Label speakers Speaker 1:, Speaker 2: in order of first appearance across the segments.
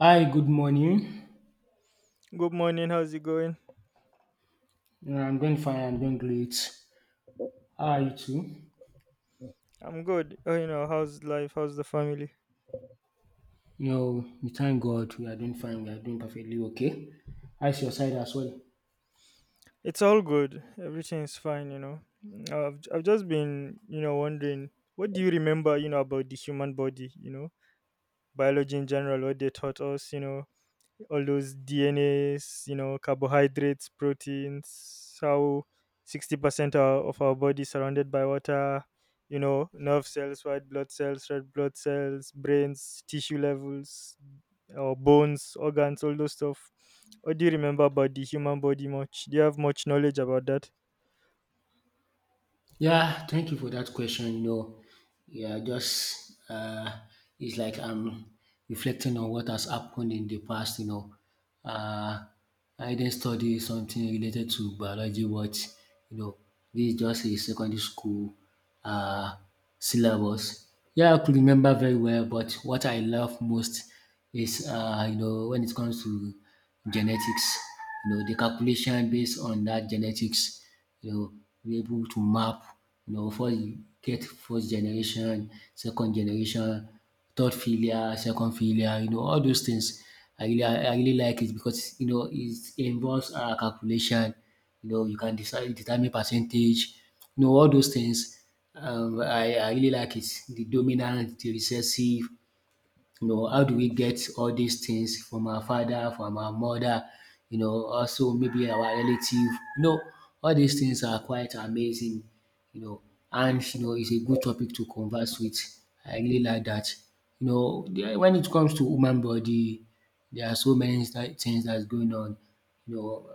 Speaker 1: Hi, good morning.
Speaker 2: Good morning. How's it going?
Speaker 1: Yeah, I'm doing fine. I'm doing great. How are you too?
Speaker 2: I'm good. Oh, you know, how's life? How's the family?
Speaker 1: You know, we thank God we are doing fine. We are doing perfectly okay. How's your side as well?
Speaker 2: It's all good. Everything's fine. I've just been wondering what do you remember about the human body? Biology in general, what they taught us. All those DNAs, carbohydrates, proteins, how 60% of our body is surrounded by water, nerve cells, white blood cells, red blood cells, brains, tissue levels, our bones, organs, all those stuff. Or do you remember about the human body much? Do you have much knowledge about that?
Speaker 1: Yeah, thank you for that question. You know, yeah, just it's like I'm reflecting on what has happened in the past. Uh, I didn't study something related to biology, but you know, this is just a secondary school uh, syllabus. Yeah, I could remember very well, but what I love most is you know when it comes to genetics, you know, the calculation based on that genetics you know, be able to map, you know, before you get first generation, second generation, third failure, second failure, you know, all those things. I really like it because, you know, it involves calculation. You know, you can decide, determine percentage, you know, all those things. I really like it. The dominant, the recessive, you know, how do we get all these things from our father, from our mother, you know, also maybe our relative. You know, all these things are quite amazing, you know, and you know, it's a good topic to converse with. I really like that. You know, when it comes to human body, there are so many things that's going on. You know,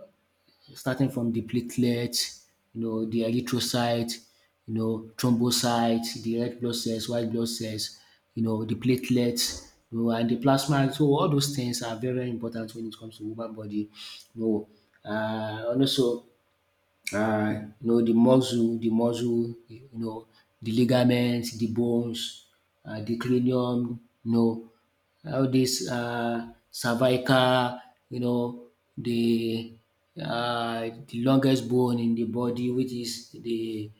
Speaker 1: starting from the platelets, you know, the erythrocyte, you know, thrombocyte, the red blood cells, white blood cells, you know, the platelets, you know, and the plasma. So all those things are very, very important when it comes to human body. You know, uh, and also you know, the muscle, you know, the ligaments, the bones, the cranium, you know, all this cervical, you know, the the longest bone in the body, which is the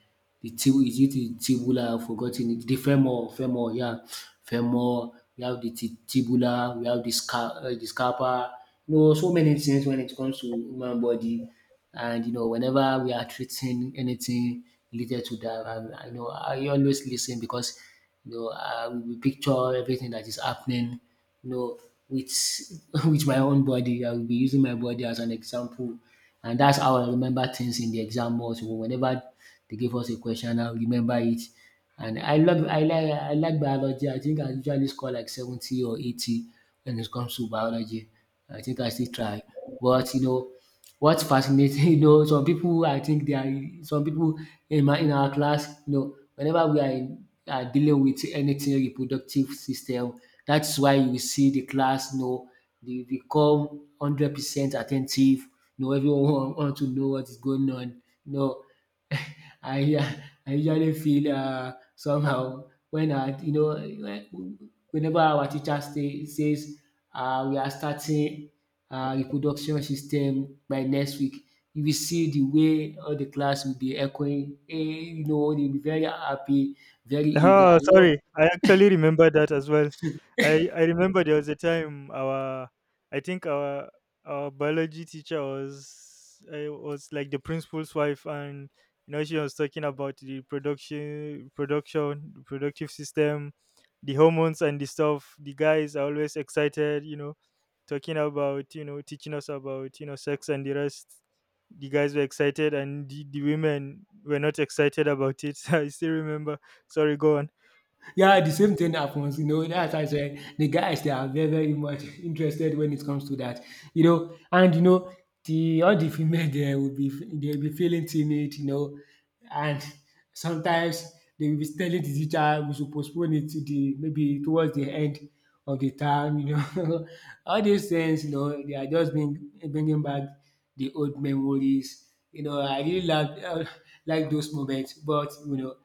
Speaker 1: the tib- is it the tibula? I've forgotten it. The femur. We have the tibula, we have the scar, the scapa. You know, so many things when it comes to human body. And you know, whenever we are treating anything related to that, I know I always listen because you know we picture everything that is happening. You know, with with my own body, I will be using my body as an example, and that's how I remember things in the exam. Also, whenever they give us a question, I'll remember it. And I like biology. I think I usually score like 70 or 80 when it comes to biology. I think I still try, but you know. What's fascinating, you know, some people I think they are some people in our class, you know, whenever we are dealing with anything reproductive system, that's why you see the class, you know, they become 100% attentive. You know, everyone want to know what is going on. You know, I I usually feel somehow when uh, you know when- whenever our teacher says we are starting reproduction system by next week, you will see the way all the class will be echoing. Hey, you know, they'll be very happy, very eager.
Speaker 2: Oh,
Speaker 1: You know,
Speaker 2: sorry. I actually remember that as well. I remember there was a time our I think our biology teacher was I was like the principal's wife, and you know she was talking about the production production productive system, the hormones and the stuff. The guys are always excited, talking about teaching us about sex and the rest. The guys were excited, and the women were not excited about it. I still remember. Sorry, go on.
Speaker 1: yeah, the same thing happens, you know. That's why I The guys they are very, very much interested when it comes to that, you know. And you know, the all the female there will be they'll be feeling timid, you know, and sometimes they will be telling the teacher we should postpone it to the maybe towards the end of the term, you know. All these things, you know, they are just bringing back the old memories. You know, I really love like those moments, but you know.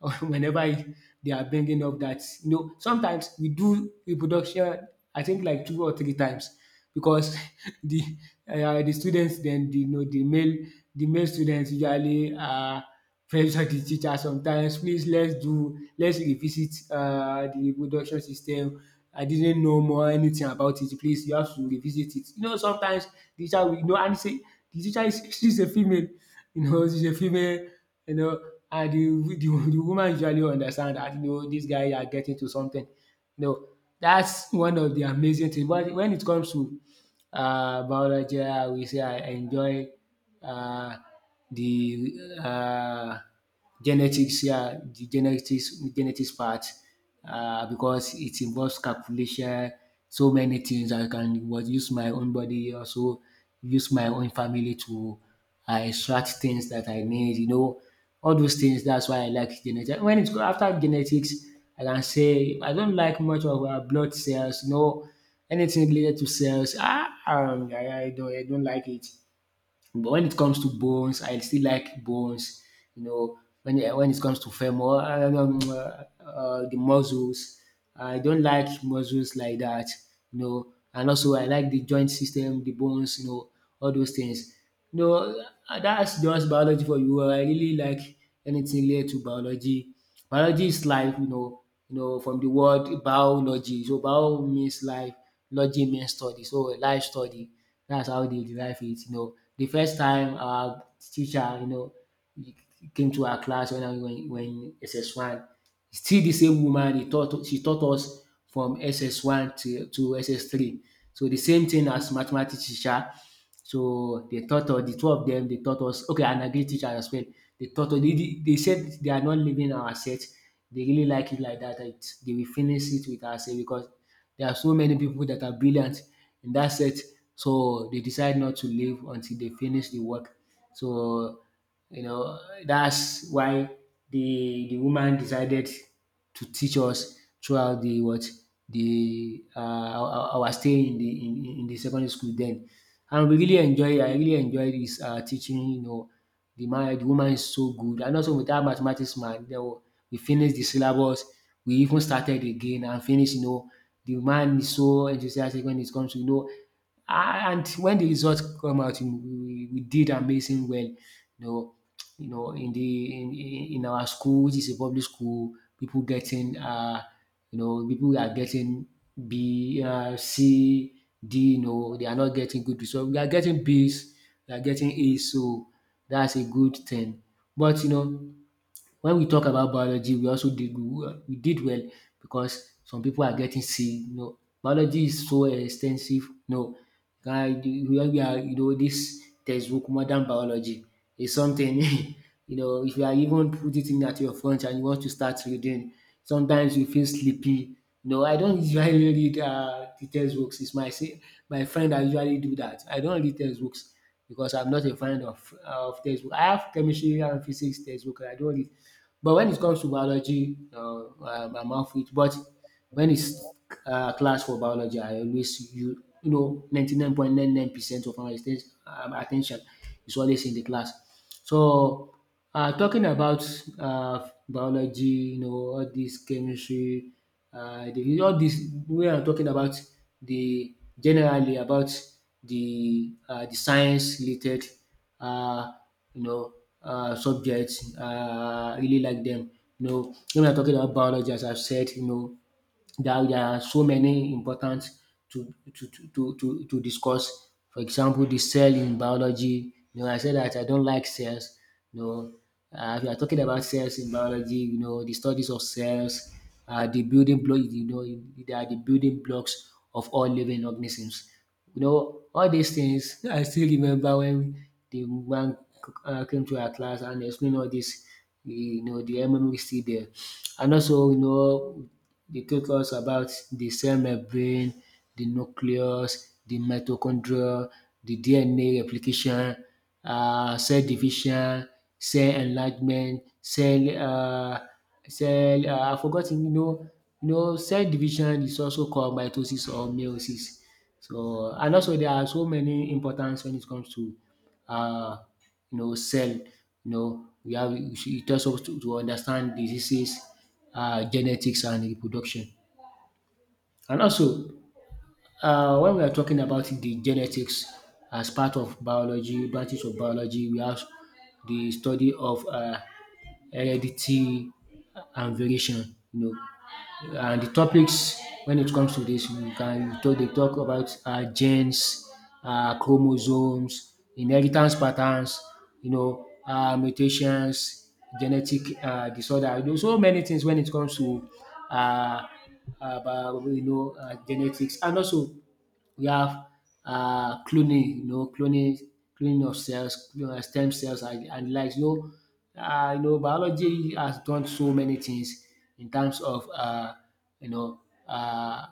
Speaker 1: whenever it, they are bringing up that you know sometimes we do reproduction. I think like two or three times because the the students then the, you know the male students usually pressure the teacher sometimes. Please let's revisit the reproduction system. I didn't know more anything about it. Please you have to revisit it. You know sometimes the teacher will you know and say the teacher is she's a female you know, and the woman usually understand that you know these guys are getting to something. You know, that's one of the amazing things. But when it comes to biology, I will say I enjoy uh, the genetics, yeah, the genetics part, because it involves calculation, so many things. I can was use my own body, also use my own family to extract things that I need. You know, all those things. That's why I like genetics. When it's go after genetics, I can say I don't like much of blood cells. You know, anything related to cells. I don't like it. But when it comes to bones, I still like bones. You know, when it comes to femur, the muscles, I don't like muscles like that. You know, and also I like the joint system, the bones. You know, all those things. You know, that's just biology for you. I really like anything related to biology. Biology is life, you know, from the word biology. So bio means life, logy means study. So life study. That's how they derive it. You know, the first time our teacher, you know, came to our class when SS1, still the same woman he taught she taught us from SS1 to SS3. So the same thing as mathematics teacher. So the two of them, they taught us, okay, and agric teacher as well. They taught us, they said they are not leaving our set. They really like it like that. They will finish it with ourselves because there are so many people that are brilliant in that set. So they decide not to leave until they finish the work. So you know, that's why the woman decided to teach us throughout the what the our stay in the secondary school then, and we really enjoy. I really enjoy this teaching. You know, the woman is so good, and also with that mathematics man. You know we finished the syllabus. We even started again and finished. You know, the man is so enthusiastic when it comes to you know. Ah, and when the results come out, you know, we did amazing well. Know, you know, in the in our school, which is a public school, people are getting B, C, D. You know, they are not getting good results. We are getting Bs, we are getting A's. So that's a good thing. But you know, when we talk about biology, we did well because some people are getting sick. You know, biology is so extensive. No, guy, we are, you know, this textbook modern biology is something. You know, if you are even put it in at your front and you want to start reading, sometimes you feel sleepy. You know, I don't usually read the textbooks. It's my say my friend that usually do that. I don't read textbooks because I'm not a fan of textbook. I have chemistry and physics textbook. I don't read, but when it comes to biology, I'm off it. But when it's class for biology, I always you you know ninety nine point nine nine percent of my attention is always in the class. So, talking about biology, you know, all this chemistry, the all this. We are talking about the generally about the science related um you know subject. Really like them. You know, when we are talking about biology as I've said, you know there are so many important to discuss. For example, the cell in biology. You know, I said that I don't like cells. You know, if you are talking about cells in biology, you know, the studies of cells, the building block. You know, they are the building blocks of all living organisms. You know, all these things. I still remember when the man came to our class and explained all this. You know, the memory is still there. And also, you know, they taught us about the cell membrane, the nucleus, the mitochondria, the DNA replication, cell division, cell enlargement, cell cell I forgot you know. You know cell division is also called mitosis or meiosis. So and also there are so many importance when it comes to uh, cell. We have it tells us to understand diseases, genetics, and reproduction. And also, when we are talking about the genetics as part of biology, branches of biology, we have the study of heredity and variation. And the topics when it comes to this, we can talk, they talk about genes, chromosomes, inheritance patterns, mutations, genetic disorder. You know, so many things when it comes to uh, uh, genetics. And also, we have cloning, cloning of cells, you know, stem cells and like. You know, biology has done so many things in terms of you know uh,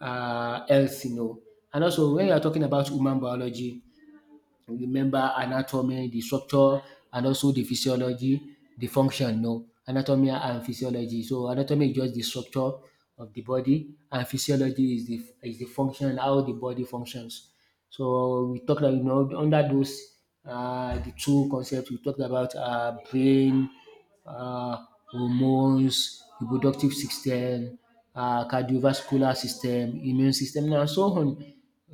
Speaker 1: health, you know. And also when you are talking about human biology, remember anatomy, the structure, and also the physiology, the function. No, anatomy and physiology. So anatomy is just the structure of the body, and physiology is the function how the body functions. So we talked about, you know, under those the two concepts. We talked about brain, uh, hormones, reproductive system, cardiovascular system, immune system, and so on.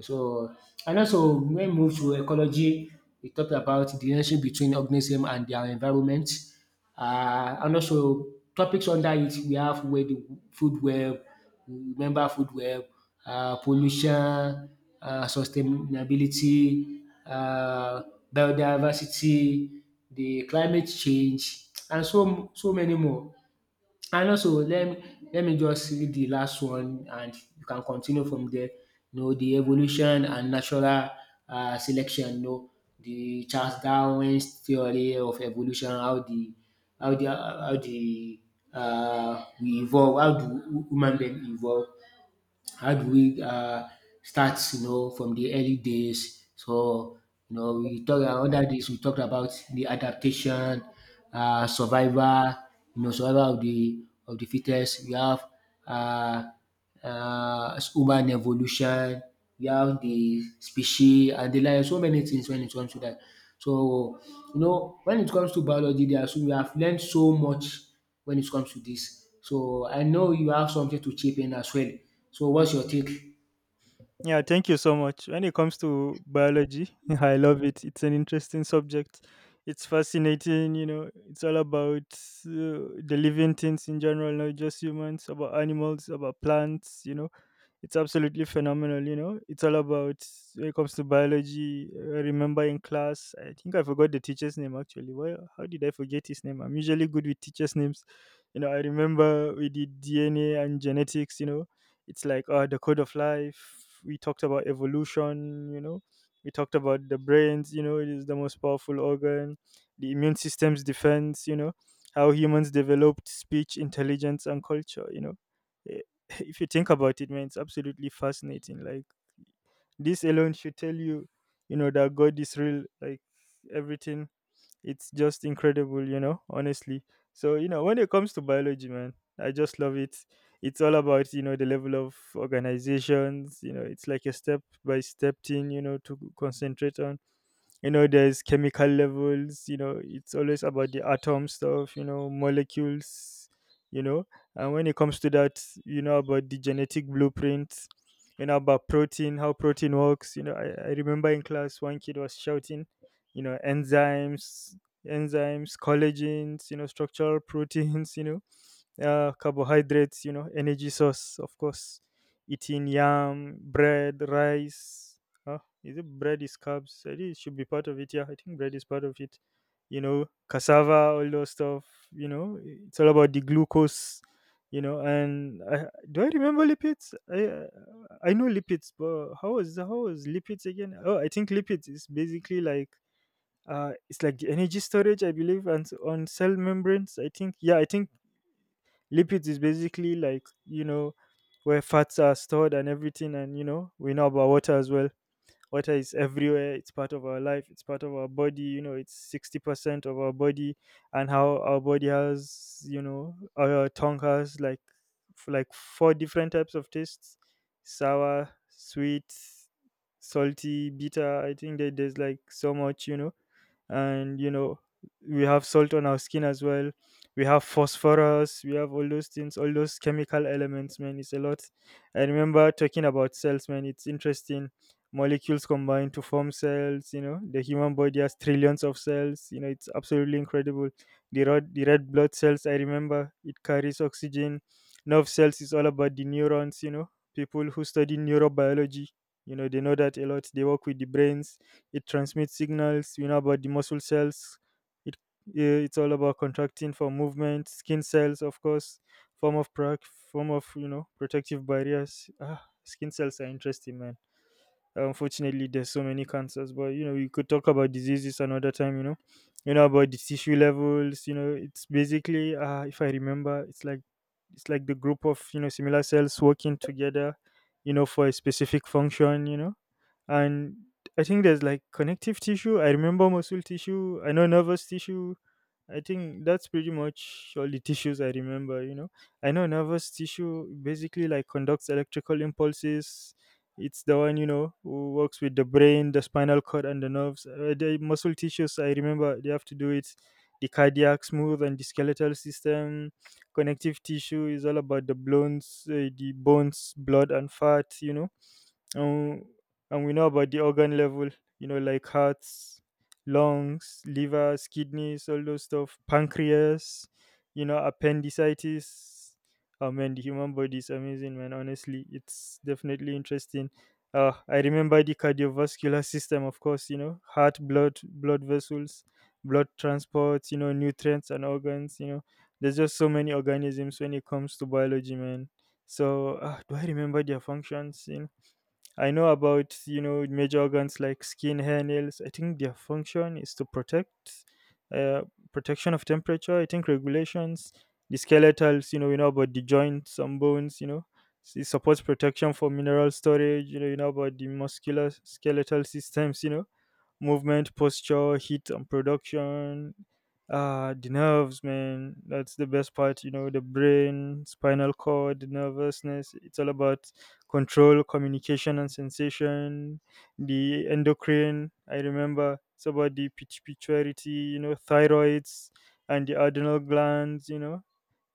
Speaker 1: So and also when we move to ecology, we talked about the relationship between organism and their environment. And also topics under it we have where the food web, remember food web, pollution, sustainability, biodiversity, the climate change, and so so many more. And also let me just read the last one and you can continue from there. You know, the evolution and natural selection, you know, the Charles Darwin's theory of evolution, how the how the how the we evolve, how do human being evolve, how do we start, you know, from the early days. So you know we talk under this, we talked about the adaptation, survival, you know, survival of the fittest. We have uh, human evolution, we have the species and the like, so many things when it comes to that. So you know when it comes to biology there are so we have learned so much when it comes to this. So I know you have something to chip in as well. So what's your take?
Speaker 2: Yeah, thank you so much. When it comes to biology, I love it. It's an interesting subject. It's fascinating, you know. It's all about the living things in general, not just humans, about animals, about plants, you know. It's absolutely phenomenal, you know. It's all about when it comes to biology. I remember in class, I think I forgot the teacher's name actually. Why? How did I forget his name? I'm usually good with teachers' names. You know, I remember we did DNA and genetics. You know, it's like the code of life. We talked about evolution. You know, we talked about the brains. You know, it is the most powerful organ. The immune system's defense. You know, how humans developed speech, intelligence, and culture. You know, if you think about it, man, it's absolutely fascinating. Like this alone should tell you, you know, that God is real. Like everything, it's just incredible. You know, honestly. So, you know, when it comes to biology, man, I just love it. It's all about, you know, the level of organizations. You know, it's like a step by step thing. You know, to concentrate on. There's chemical levels, it's always about the atom stuff, molecules. you know and when it comes to that, about the genetic blueprint, about protein, how protein works. I remember in class one kid was shouting, enzymes, collagens, structural proteins, carbohydrates, you know, energy source, of course, eating yam, bread, rice. Huh? Is it bread is carbs? I think it should be part of it. Yeah, I think bread is part of it. You know, cassava, all those stuff. You know, it's all about the glucose. You know, and do I remember lipids? I know lipids, but how was lipids again? Oh, I think lipids is basically like, it's like the energy storage, I believe, and on cell membranes. I think, yeah, I think lipids is basically like, you know, where fats are stored and everything. And, you know, we know about water as well. Water is everywhere. It's part of our life. It's part of our body. You know, it's 60% of our body. And how our body has, you know, our tongue has like, like four different types of tastes: sour, sweet, salty, bitter. I think that there's like so much, you know. And you know we have salt on our skin as well. We have phosphorus, we have all those things, all those chemical elements, man. It's a lot. I remember talking about cells, man. It's interesting. Molecules combine to form cells. You know, the human body has trillions of cells. You know, it's absolutely incredible. The red blood cells, I remember, it carries oxygen. Nerve cells is all about the neurons, you know. People who study neurobiology, you know they know that a lot. They work with the brains. It transmits signals. You know, about the muscle cells, it it's all about contracting for movement. Skin cells, of course, form of, you know, protective barriers. Ah, skin cells are interesting, man. Unfortunately, there's so many cancers, but you know we could talk about diseases another time. You know, you know about the tissue levels, you know it's basically, if I remember, it's like the group of, you know, similar cells working together, you know, for a specific function, you know. And I think there's like connective tissue. I remember muscle tissue. I know nervous tissue. I think that's pretty much all the tissues I remember. You know, I know nervous tissue basically like conducts electrical impulses. It's the one, you know, who works with the brain, the spinal cord, and the nerves. The muscle tissues, I remember, they have to do it. The cardiac smooth and the skeletal system, connective tissue is all about the bones, blood, and fat. You know, and and we know about the organ level, you know, like hearts, lungs, livers, kidneys, all those stuff, pancreas, you know, appendicitis. Oh man, the human body is amazing, man. Honestly, it's definitely interesting. I remember the cardiovascular system, of course. You know, heart, blood vessels, blood transport, you know, nutrients and organs, you know. There's just so many organisms when it comes to biology, man. So, do I remember their functions, you know. I know about, you know, major organs like skin, hair, nails. I think their function is to uh, protection of temperature. I think regulations, the skeletals. You know, we know about the joints and bones. You know, it supports protection for mineral storage. You know about the muscular skeletal systems. You know, movement, posture, heat, and production. Ah, the nerves, man. That's the best part. You know, the brain, spinal cord, the nervousness. It's all about control, communication, and sensation. The endocrine. I remember it's about the pituitary. You know, thyroids and the adrenal glands. You know,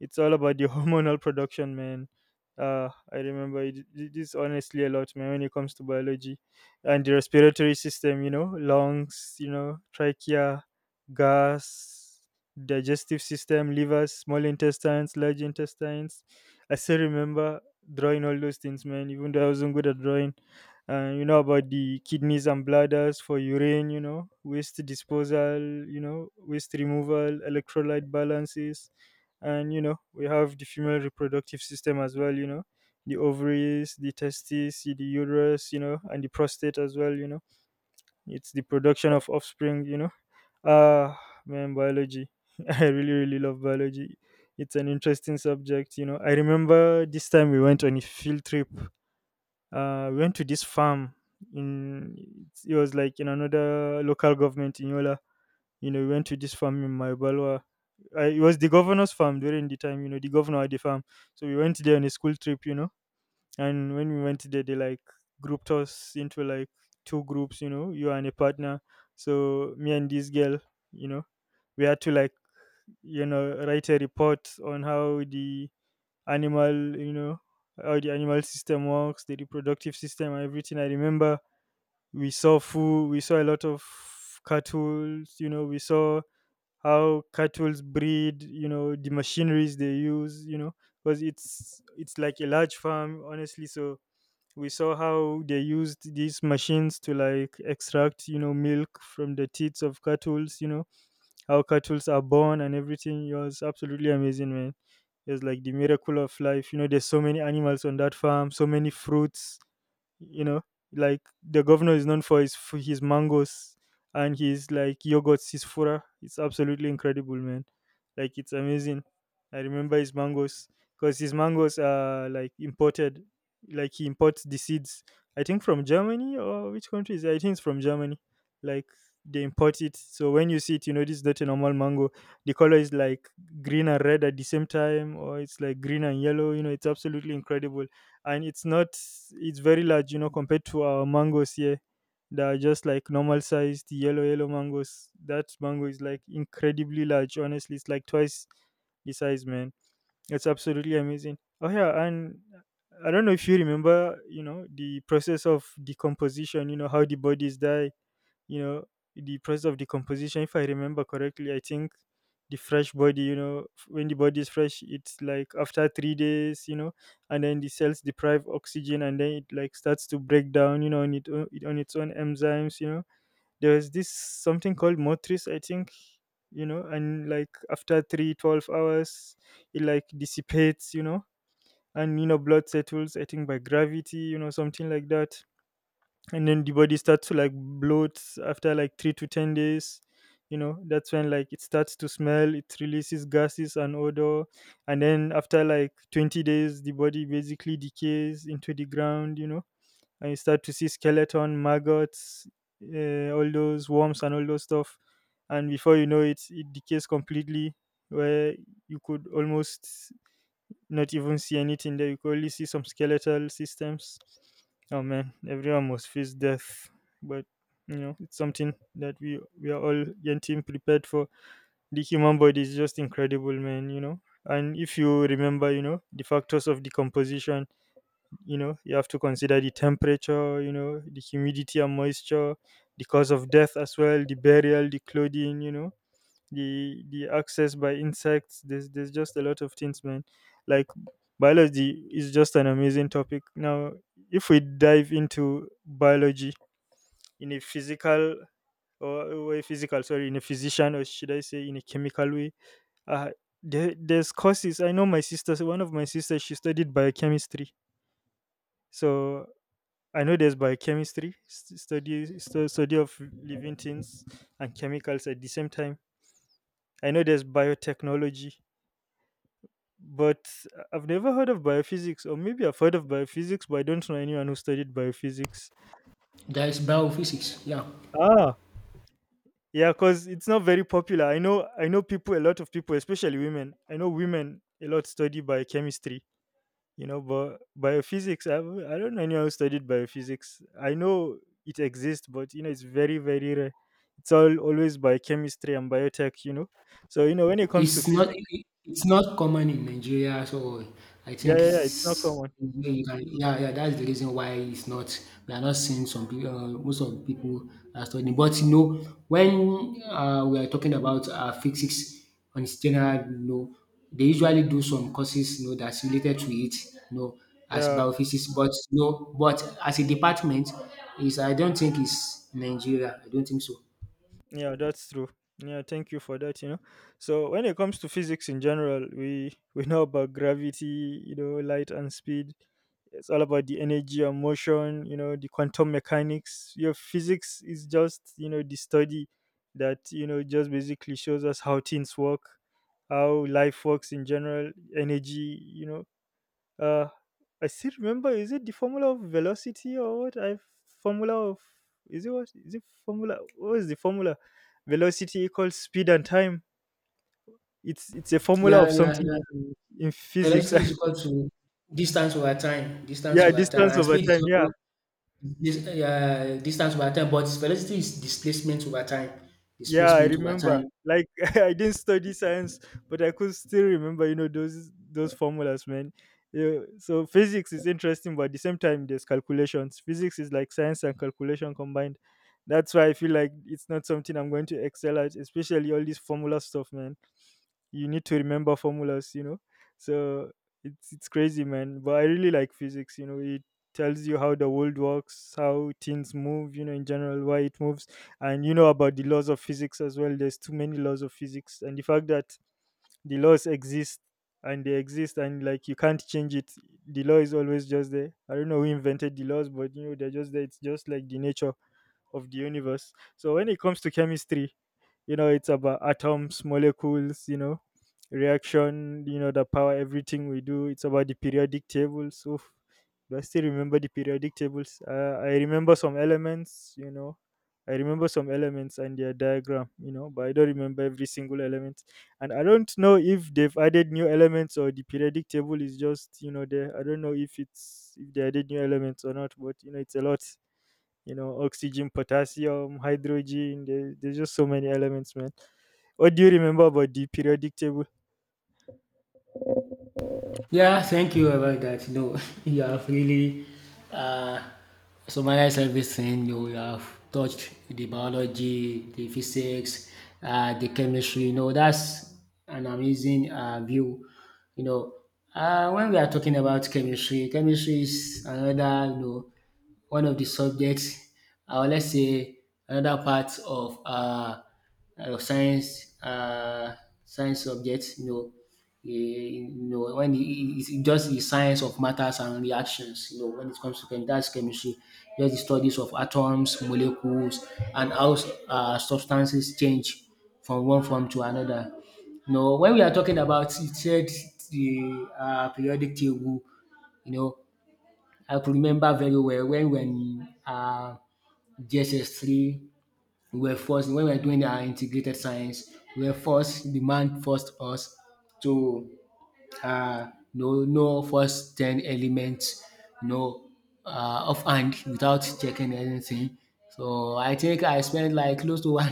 Speaker 2: it's all about the hormonal production, man. I remember it is honestly a lot, man. When it comes to biology and the respiratory system, you know, lungs, you know, trachea, gas, digestive system, livers, small intestines, large intestines. I still remember drawing all those things, man, even though I wasn't good at drawing. And you know about the kidneys and bladders for urine, you know, waste disposal, you know, waste removal, electrolyte balances. And, you know, we have the female reproductive system as well, you know, the ovaries, the testes, the uterus, you know, and the prostate as well, you know. It's the production of offspring, you know. Ah, man, biology. I really, really love biology. It's an interesting subject, you know. I remember this time we went on a field trip. We went to this farm in it was like in another local government in Yola. You know, we went to this farm in Maibalwa. It was the governor's farm during the time, you know, the governor had the farm. So we went there on a school trip. You know, and when we went there, they like grouped us into like two groups, you know, you and a partner. So me and this girl, you know, we had to like, you know, write a report on animal you know how the animal system works, the reproductive system and everything. I remember we saw food, we saw a lot of cattle, you know. We saw how cattle breed, you know, the machineries they use, you know. Because it's like a large farm, honestly. So we saw how they used these machines to like extract, you know, milk from the teats of cattles, you know, how cattles are born and everything. It was absolutely amazing, man. It was like the miracle of life, you know. There's so many animals on that farm, so many fruits, you know, like the governor is known for his mangoes and his like yogurts, his fura. It's absolutely incredible, man. Like, it's amazing. I remember his mangoes because his mangoes are like imported. Like, he imports the seeds. I think from Germany, or which country is it? I think it's from Germany. Like, they import it, so when you see it, you know this is not a normal mango. The color is like green and red at the same time, or it's like green and yellow. You know, it's absolutely incredible. And it's not... it's very large, you know, compared to our mangoes here that are just like normal sized yellow mangoes. That mango is like incredibly large, honestly. It's like twice the size, man. It's absolutely amazing. Oh yeah, and I don't know if you remember, you know, the process of decomposition, you know, how the bodies die. You know, the process of decomposition, if I remember correctly, I think the fresh body, you know, when the body is fresh, it's like after 3 days, you know, and then the cells deprive oxygen and then it like starts to break down, you know, on, it, o- it, on its own enzymes, you know. There was this something called motris, I think. You know, and like after 3-12 hours it like dissipates, you know. And, you know, blood settles, I think, by gravity, you know, something like that. And then the body starts to like bloat after like 3-10 days, you know. That's when like it starts to smell, it releases gases and odor. And then after like 20 days, the body basically decays into the ground, you know. And you start to see skeleton, maggots, all those worms, and all those stuff. And before you know it, it decays completely, where you could almost not even see anything there. You could only see some skeletal systems. Oh man, everyone must face death, but you know it's something that we are all getting prepared for. The human body is just incredible, man. You know, and if you remember, you know the factors of decomposition. You know, you have to consider the temperature, you know, the humidity and moisture, the cause of death as well, the burial, the clothing, you know, the access by insects. There's just a lot of things, man. Like, biology is just an amazing topic. Now, if we dive into biology in a physical or a physical, sorry, in a physician, or should I say in a chemical way, uh there's courses. I know my sister, one of my sisters, she studied biochemistry. So I know there's biochemistry, study of living things and chemicals at the same time. I know there's biotechnology, but I've never heard of biophysics, or maybe I've heard of biophysics, but I don't know anyone who studied biophysics.
Speaker 1: That is biophysics. Yeah.
Speaker 2: Ah, yeah, because it's not very popular. I know people, a lot of people, especially women. I know women a lot study biochemistry, you know, but biophysics, I don't know anyone who studied biophysics. I know it exists, but you know, it's very, very rare. It's all always biochemistry and biotech, you know. So you know, when it comes to
Speaker 1: It's not
Speaker 2: physics...
Speaker 1: i it's not common in Nigeria, so I
Speaker 2: Yeah,
Speaker 1: think
Speaker 2: yeah, yeah, it's not
Speaker 1: it's
Speaker 2: common.
Speaker 1: you can yeah, yeah, that's the reason why it's not we are not seeing some peo most of the people are studying. But, you know, when, we are talking about, physics on its general, you know, they usually do some courses, you know, that's related to it, you know, as
Speaker 2: Yeah.
Speaker 1: biophysics. But, you know, but as a department, is I don't think it's Nigeria. I don't think so.
Speaker 2: Yeah, that's true. Yeah, thank you for that, you know. So when it comes to physics in general, we we know about gravity, you know, light and speed. It's all about the energy and motion, you know, the quantum mechanics. Your physics is just, you know, the study that, you know, just basically shows us how things work, how life works in general, energy, you know, uh, I still remember. Is it the formula of velocity or what? I... formula of... is it, what is it formula? What is the formula? Velocity equals speed and time. It's a formula
Speaker 1: Yeah,
Speaker 2: of
Speaker 1: yeah,
Speaker 2: something
Speaker 1: yeah.
Speaker 2: in physics.
Speaker 1: Velocity is
Speaker 2: I,
Speaker 1: equal to distance
Speaker 2: yeah,
Speaker 1: over time,
Speaker 2: distance
Speaker 1: and
Speaker 2: over
Speaker 1: speed
Speaker 2: time.
Speaker 1: is
Speaker 2: Yeah.
Speaker 1: also distance over time, but velocity is
Speaker 2: Yeah, I
Speaker 1: displacement over
Speaker 2: remember.
Speaker 1: time.
Speaker 2: Like I didn't study science, but I could still remember, you know, those formulas, man. Yeah, so physics is interesting, but at the same time, there's calculations. Physics is like science and calculation combined. That's why I feel like it's not something I'm going to excel at, especially all this formula stuff, man. You need to remember formulas, you know. So it's crazy, man, but I really like physics. You know, it tells you how the world works, how things move, you know, in general, why it moves. And you know about the laws of physics as well. There's too many laws of physics, and the fact that the laws exist, and they exist, and like, you can't change it. The law is always just there. I don't know who invented the laws, but you know, they're just there. It's just like the nature of the universe. So when it comes to chemistry, you know, it's about atoms, molecules, you know, reaction, you know, the power, everything we do. It's about the periodic tables. Oof. Do I still remember the periodic tables? I remember some elements, you know. I remember some elements and their diagram, you know, but I don't remember every single element. And I don't know if they've added new elements, or the periodic table is just, you know, there. I don't know if they added new elements or not, but you know, it's a lot. You know, oxygen, potassium, hydrogen. There's just so many elements, man. What do you remember about the periodic table?
Speaker 1: Yeah, thank you about that. No, you have really uh, summarized everything. You have touched the biology, the physics, the chemistry. You know, that's an amazing view. You know, when we are talking about chemistry, chemistry is another, you know, one of the subjects, or let's say another part of uh, science uh, science subject, you know. You know, when it just the science of matters and reactions. You know, when it comes to chem, that's chemistry, just the studies of atoms, molecules, and how substances change from one form to another. You know, when we are talking about it said the periodic table, you know, I could remember very well when we were in GSS 3, we were forced, when we were doing our integrated science, we were forced, the man forced us to uh, no first 10 elements no, know offhand without checking anything. So I think I spent like close to one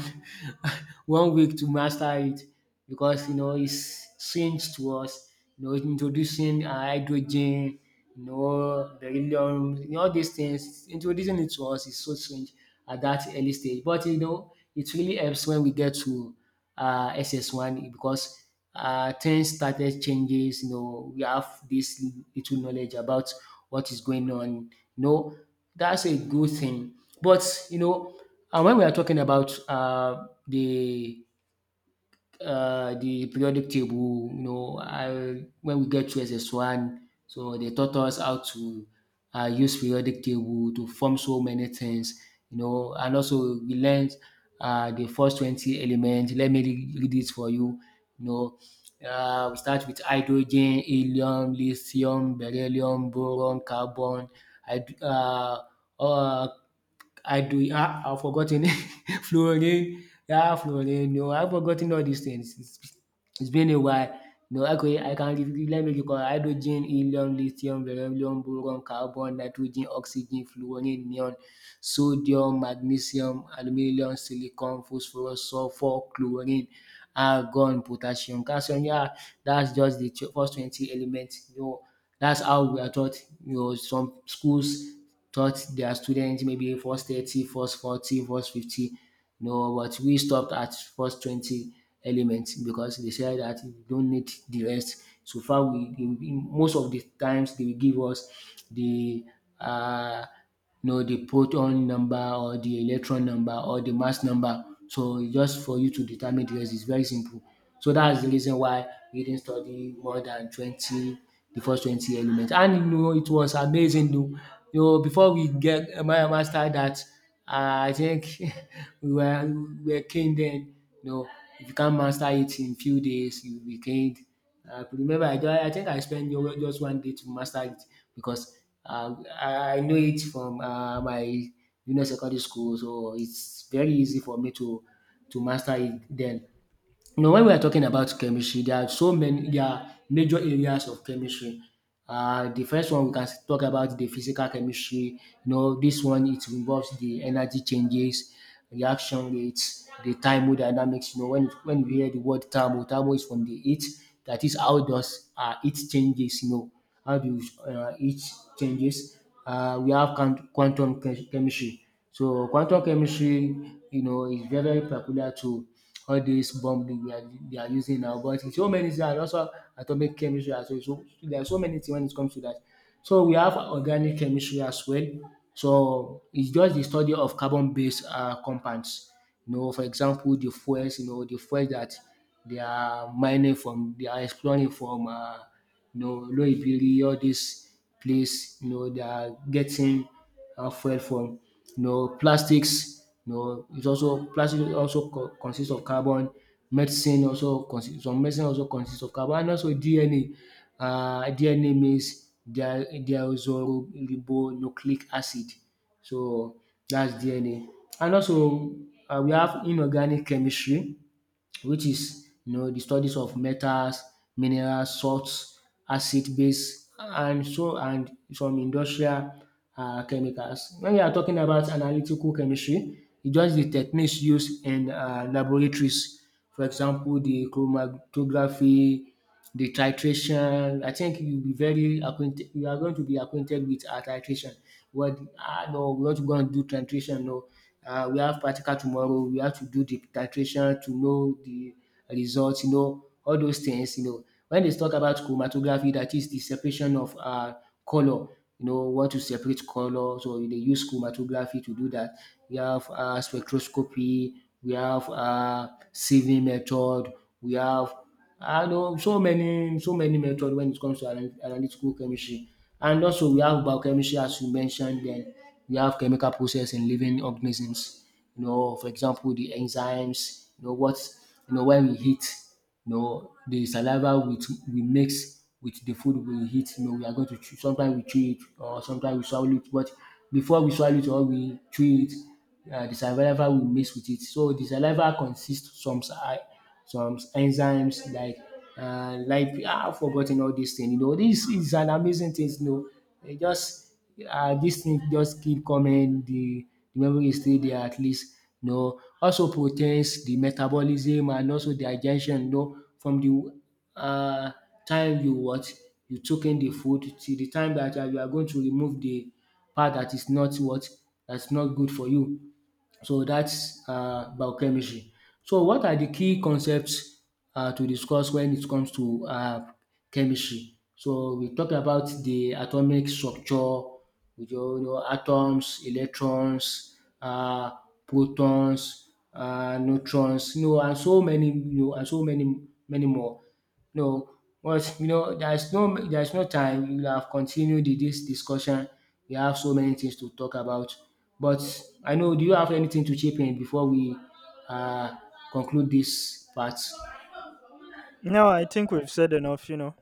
Speaker 1: 1 week to master it, because you know it's changed to us, you know, introducing hydrogen, you know, beryllium, you know, all these things introducing it to us is so strange at that early stage. But you know it really helps when we get to SS1, because things started changes. You know, we have this little knowledge about what is going on. You know, that's a good thing. But you know, and when we are talking about the periodic table, you know, when we get to SS1, so they taught us how to use periodic table to form so many things, you know. And also we learned the first 20 elements. Let me read it for you, you know. We start with hydrogen, helium, lithium, beryllium, boron, carbon, hyd- uh, uh, I do. I've forgotten fluorine, yeah, Floreno. I've forgotten all these things. It's been a while. No, okay, I can let me recall hydrogen, helium, lithium, beryllium, boron, carbon, nitrogen, oxygen, fluorine, neon, sodium, magnesium, aluminium, silicon, phosphorus, sulfur, chlorine, argon, potassium, calcium. Yeah, that's just the first 20 elements. You know, that's how we are taught. You know, some schools taught their students maybe first 30, first 40, first 50. No, but we stopped at first 20 elements because they said that we don't need the rest. So far, they most of the times they will give us the uh, the proton number or the electron number or the mass number. So just for you to determine the rest is very simple. So that's the reason why we didn't study more than 20, the first 20 elements. And you know it was amazing o. You know before we get master that, I think we were king then. You know if you can't master it in few days you will be king. I could remember I think I spent just 1 day to master it, because I know it from my junior secondary school, so it's very easy for me to master it then. You know, when we are talking about chemistry, there are so many, there are major areas of chemistry. The first one we can talk about the physical chemistry. You know, this one it involves the energy changes, reaction rates, the thermodynamics. You know, when we hear the word thermo, thermo is from the heat. That is how does heat changes. You know, how do heat changes? We have quantum chemistry. So quantum chemistry, you know, is very very peculiar to all these bomb they are using now. But it's so many things, and also atomic chemistry as well. So there are so many things when it comes to that. So we have organic chemistry as well. So it's just the study of carbon-based compounds. You know, for example, the fuels. You know, the fuels that they are mining from, they are exploring from. You know, Loibiri, all this place. You know, they are getting fuel from, you know, plastics. You know, it's also plastic also consists of carbon. Medicine also consists, some medicine also consists of carbon, and also DNA. DNA means deoxyribonucleic acid. So that's DNA. And also we have inorganic chemistry, which is you know the studies of metals, minerals, salts, acid base, and so and some industrial chemicals. When we are talking about analytical chemistry, it's just the techniques used in laboratories. For example, the chromatography, the titration. I think you'll be very acquainted, you are going to be acquainted with titration. What? Ah no, we want to go and do titration, no we have practical tomorrow, we have to do the titration to know the results, you know, all those things, you know. When they talk about chromatography, that is the separation of color, you know, want to separate color, so they use chromatography to do that. We have spectroscopy, we have sieving method, we have I know so many so many methods when it comes to analytical chemistry. And also we have biochemistry, as you mentioned, then we have chemical process in living organisms. You know, for example, the enzymes. You know what, you know, when we eat, you know, the saliva with we mix with the food we eat, you know, we are going to chew, sometimes we chew it or sometimes we swallow it, but before we swallow it or we chew it, the saliva will mix with it. So the saliva consists some some enzymes like I've forgotten all these things. You know, this is an amazing thing. You know, it just these things just keep coming. The memory is still there at least. You know, also proteins, the metabolism, and also digestion. You know, from the uh, time you what you took in the food till the time that you are going to remove the part that is not what that's not good for you. So that's biochemistry. So what are the key concepts to discuss when it comes to chemistry? So we talked about the atomic structure, with your you know atoms, electrons, uh protons, neutrons, you know, and so many, you know, and so many many more. No, but you know, there's no time. We would have continued this discussion. We have so many things to talk about. But I know, do you have anything to chip in before we uh, conclude this part?
Speaker 2: No, I think we've said enough, you know.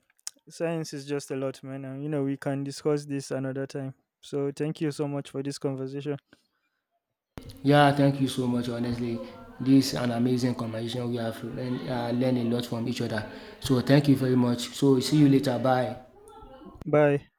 Speaker 2: Science is just a lot, man. And, you know, we can discuss this another time. So thank you so much for this conversation.
Speaker 1: Yeah, thank you so much. Honestly, this is an amazing conversation. We have learned a lot from each other. So thank you very much. So see you later. Bye.
Speaker 2: Bye.